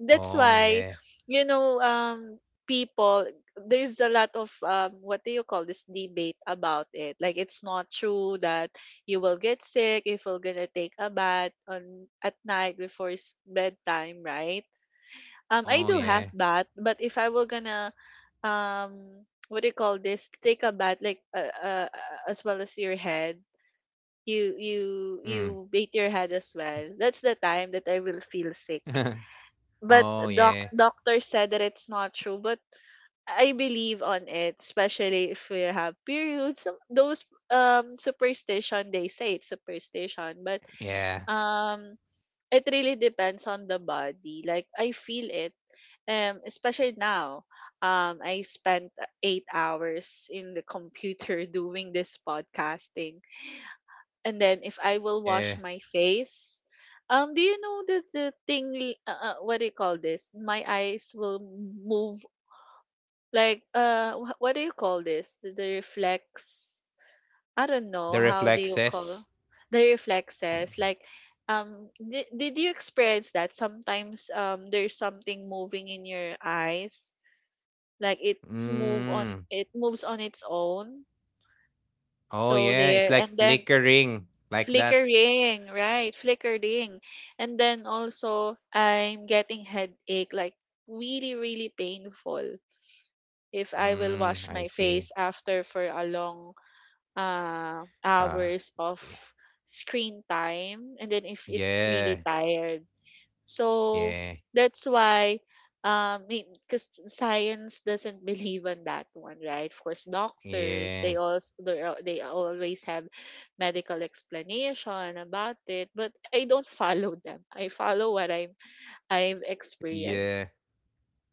That's Oh, why, yeah. you know um people, there's a lot of what do you call this, debate about it, like it's not true that you will get sick if you're gonna take a bath on at night before bedtime, right? I do Oh, have yeah. bath, but if I were gonna what do you call this, take a bath like as well as your head, you you you Mm. bathe your head as well, that's the time that I will feel sick. But Oh, yeah. doctor said that it's not true, but I believe on it, especially if we have periods. Those superstition, they say it's superstition, but Yeah, um it really depends on the body, like I feel it. Especially now, I spent 8 hours in the computer doing this podcasting. And then if I will wash my yeah. face, do you know that the thing? What do you call this? My eyes will move, like what do you call this? The reflex. I don't know how The do you call reflexes. the reflexes, like. Yeah. Did you experience that sometimes there's something moving in your eyes, like it Mm. moves on its own. Oh, So yeah. It's there, like and then flickering like that. flickering. Right, flickering. And then also I'm getting headache, like really, really painful if I will wash Mm, my I face see. after for a long Uh, hours of y- screen time. And then if it's really yeah, tired, so yeah, that's why. Because science doesn't believe on that one, right? Of course, doctors, yeah, they also, they always have medical explanation about it, but I don't follow them. I follow what I've experienced, yeah,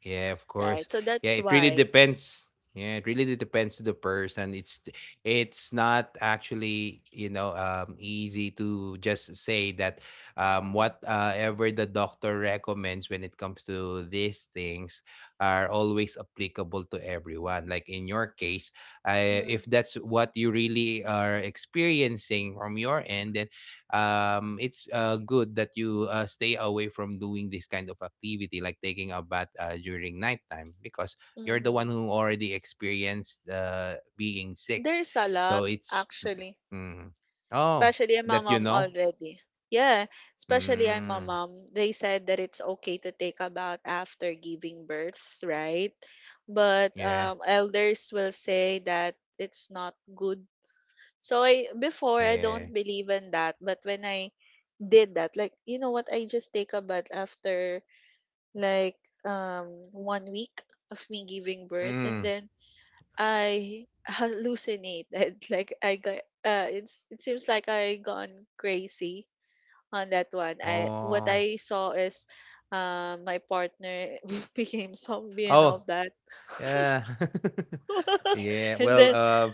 yeah, of course. right? So Yeah, that's it really why. depends. Yeah, it really depends to the person. It's not actually, you know, easy to just say that Mm-hmm. what ever the doctor recommends when it comes to these things are always applicable to everyone. Like in your case, if Mm-hmm. that's what you really are experiencing from your end, then it's good that you stay away from doing this kind of activity, like taking a bath during nighttime, because you're the one Mm-hmm. who already experienced being sick. There's a So lot it's, actually. mm, oh, Especially my that you mom know? already. Yeah, especially I'm a Mm, mom. They said that it's okay to take a bath after giving birth, right? But yeah, elders will say that it's not good. So I before I yeah. don't believe in that, but when I did that, like you know what, I just take a bath after like 1 week of me giving birth, and Mm, then I hallucinated. Like I got, it seems like I gone crazy on that one. I What oh. I saw is my partner became zombie and all Oh, that. yeah. Yeah. And Well, then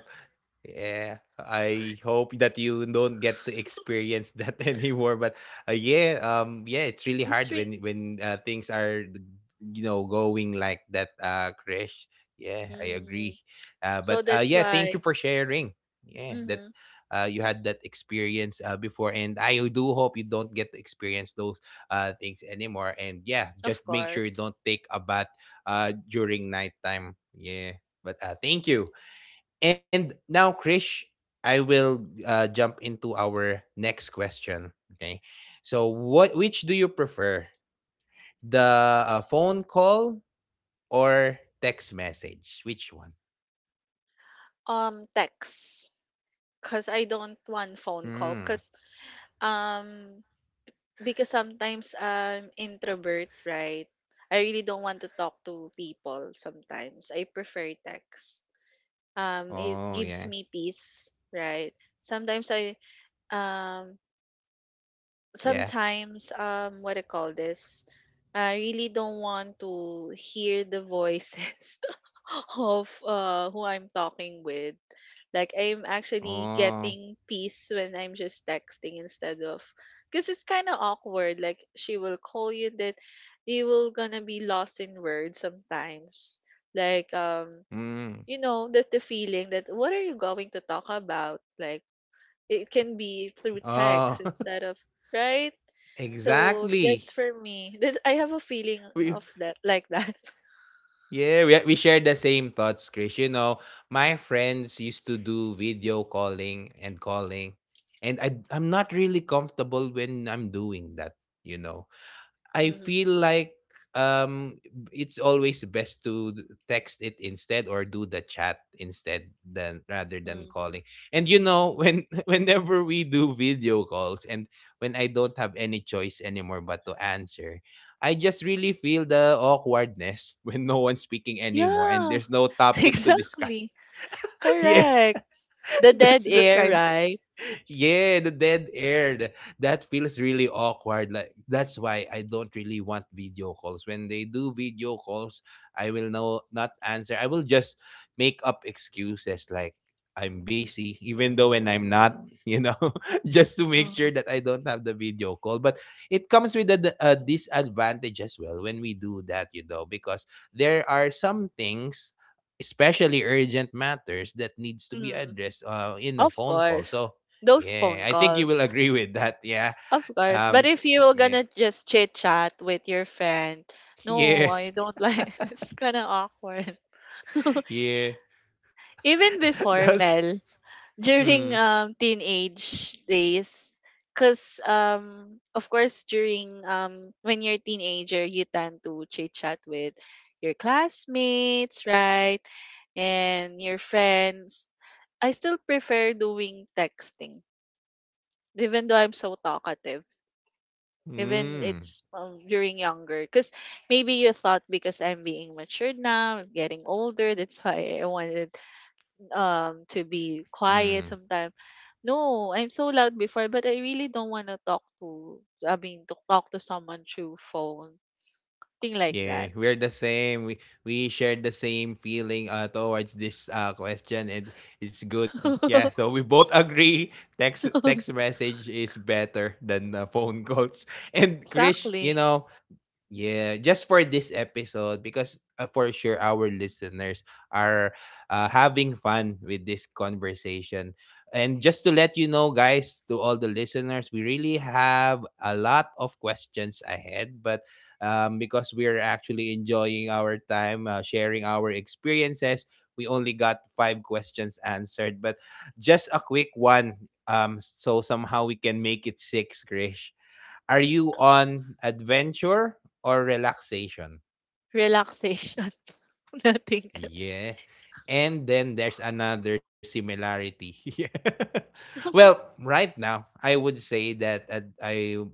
yeah, I hope that you don't get to experience that anymore. But yeah, yeah, it's really it's hard re- when things are, you know, going like that, crash. Yeah, I hmm. agree. So But that's yeah, thank you why. for sharing. Yeah, that Hmm. You had that experience before, and I do hope you don't get to experience those things anymore. And yeah, Of just make sure you course. don't take a bath during nighttime. Yeah. But thank you. And now Krish, I will jump into our next question. Okay. So what which do you prefer? The phone call or text message? Which one? Text. Cause I don't want phone call. Mm. Cause um because sometimes I'm introvert, right? I really don't want to talk to people sometimes. I prefer text. It Oh gives yeah. me peace, right? Sometimes I, um Yeah. sometimes what do you call this, I really don't want to hear the voices of who I'm talking with, like I'm actually Oh. getting peace when I'm just texting instead of, because it's kind of awkward. Like, she will call you that you will gonna be lost in words sometimes, like Mm. That's the feeling, that what are you going to talk about, like it can be through Oh. text instead of, right? So Exactly. that's for me. That I have a feeling We of that, like that. Yeah, we share the same thoughts, Chris. You know, my friends used to do video calling and calling, and I'm not really comfortable when I'm doing that. You know, I Hmm. feel like um it's always best to text it instead or do the chat instead than rather than Mm. calling. And you know when whenever we do video calls and when I don't have any choice anymore but to answer, I just really feel the awkwardness when no one's speaking anymore and Yeah, there's no topic to discuss. exactly. Yeah, Correct. The dead that's the air, kind, right? yeah, the dead air. That feels really awkward. Like that's why I don't really want video calls. When they do video calls, I will not answer. I will just make up excuses like I'm busy, even though when I'm not, you know, just to make Mm, sure that I don't have the video call. But it comes with a disadvantage as well when we do that, you know, because there are some things, especially urgent matters, that needs to be mm. addressed in a Of phone call. course. So Those yeah, phone I think you calls. will agree with that. Yeah. Of course. But Um. if you were Yeah. gonna just chit chat with your friend, no, Yeah. I don't like, it's kinda awkward. Yeah. Even before, That's. Mel, Mm. during teenage days, because of course during when you're a teenager you tend to chit chat with your classmates, right? And your friends, I still prefer doing texting even though I'm so talkative, even Mm. it's during younger, because maybe you thought because I'm being matured now, getting older, that's why I wanted to be quiet Mm. sometimes. No, I'm so loud before, but I really don't want to talk to, I mean, to talk to someone through phone. Thing like Yeah, that. we're the same. We share the same feeling towards this question, and it's good. Yeah, so we both agree. Text message is better than phone calls. And Krish, you Exactly. know, yeah, just for this episode, because for sure our listeners are having fun with this conversation. And just to let you know, guys, to all the listeners, we really have a lot of questions ahead, but because we're actually enjoying our time, sharing our experiences, we only got five questions answered, but just a quick one. So somehow we can make it six, Krish. Are you on adventure or relaxation? Relaxation. Nothing else. Yeah. And then there's another similarity. Yeah. Well, right now, I would say that ad- I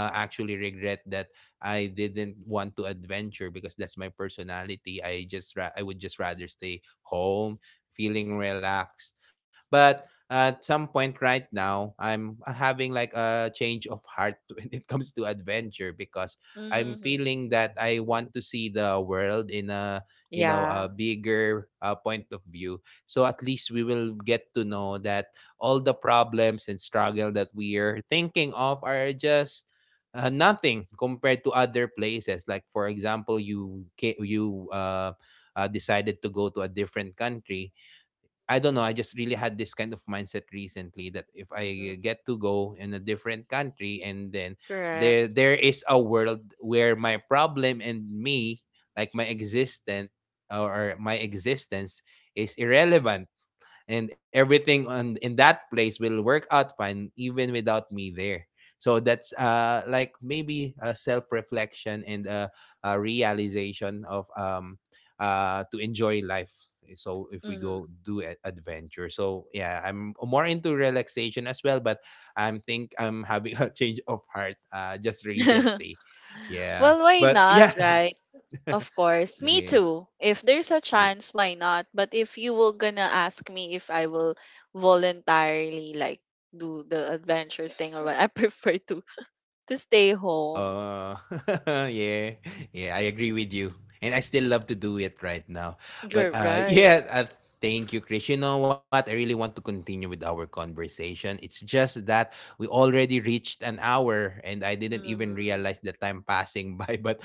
actually regret that I didn't want to adventure because that's my personality. I would just rather stay home, feeling relaxed. But at some point right now, I'm having like a change of heart when it comes to adventure because I'm Hmm. feeling that I want to see the world in a, you know, Yeah. a bigger point of view, so at least we will get to know that all the problems and struggle that we are thinking of are just nothing compared to other places. Like for example, you decided to go to a different country. I don't know. I just really had this kind of mindset recently that if Hmm. I get to go in a different country, and then there Correct. Is a world where my problem and me, like my existent or my existence, is irrelevant, and everything on in that place will work out fine even without me there. So that's like maybe a self reflection and a realization of to enjoy life. So if we Hmm. go do adventure, so yeah, I'm more into relaxation as well, but I'm think I'm having a change of heart just recently. Yeah, Well, why but not, yeah. right? Of course, me Yeah, too. If there's a yeah. chance, why not? But if you were gonna ask me if I will voluntarily, like, do the adventure thing or what, I prefer to stay home. Oh, yeah, yeah, I agree with you, and I still love to do it right now. You're But right. yeah, thank you, Chris. You know what? I really want to continue with our conversation. It's just that we already reached an hour, and I didn't even Hmm. realize the time passing by. But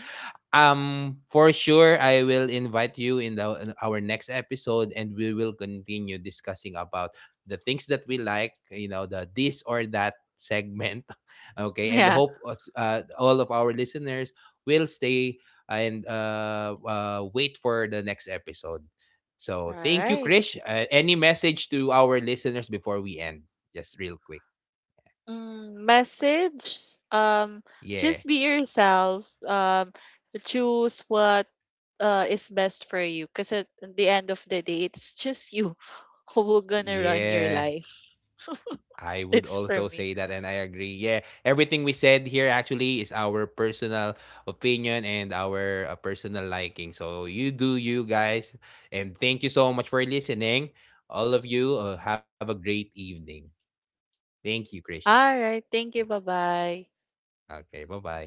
for sure, I will invite you in the in our next episode, and we will continue discussing about the things that we like. You know, the this or that segment. Okay, and Yeah. hope all of our listeners will stay and wait for the next episode. All So thank you, right. Krish. Any message to our listeners before we end? Just real quick. Mm, message. Um, Yeah. just be yourself. Choose what is best for you. Cause at the end of the day, it's just you who will gonna run your Yeah. life. I would It's also for say me. that, and I agree. Yeah, everything we said here actually is our personal opinion and our personal liking. So you do you, guys, and thank you so much for listening. All of you have a great evening. Thank you, Krish. All right. Thank you. Bye bye. Okay, bye-bye.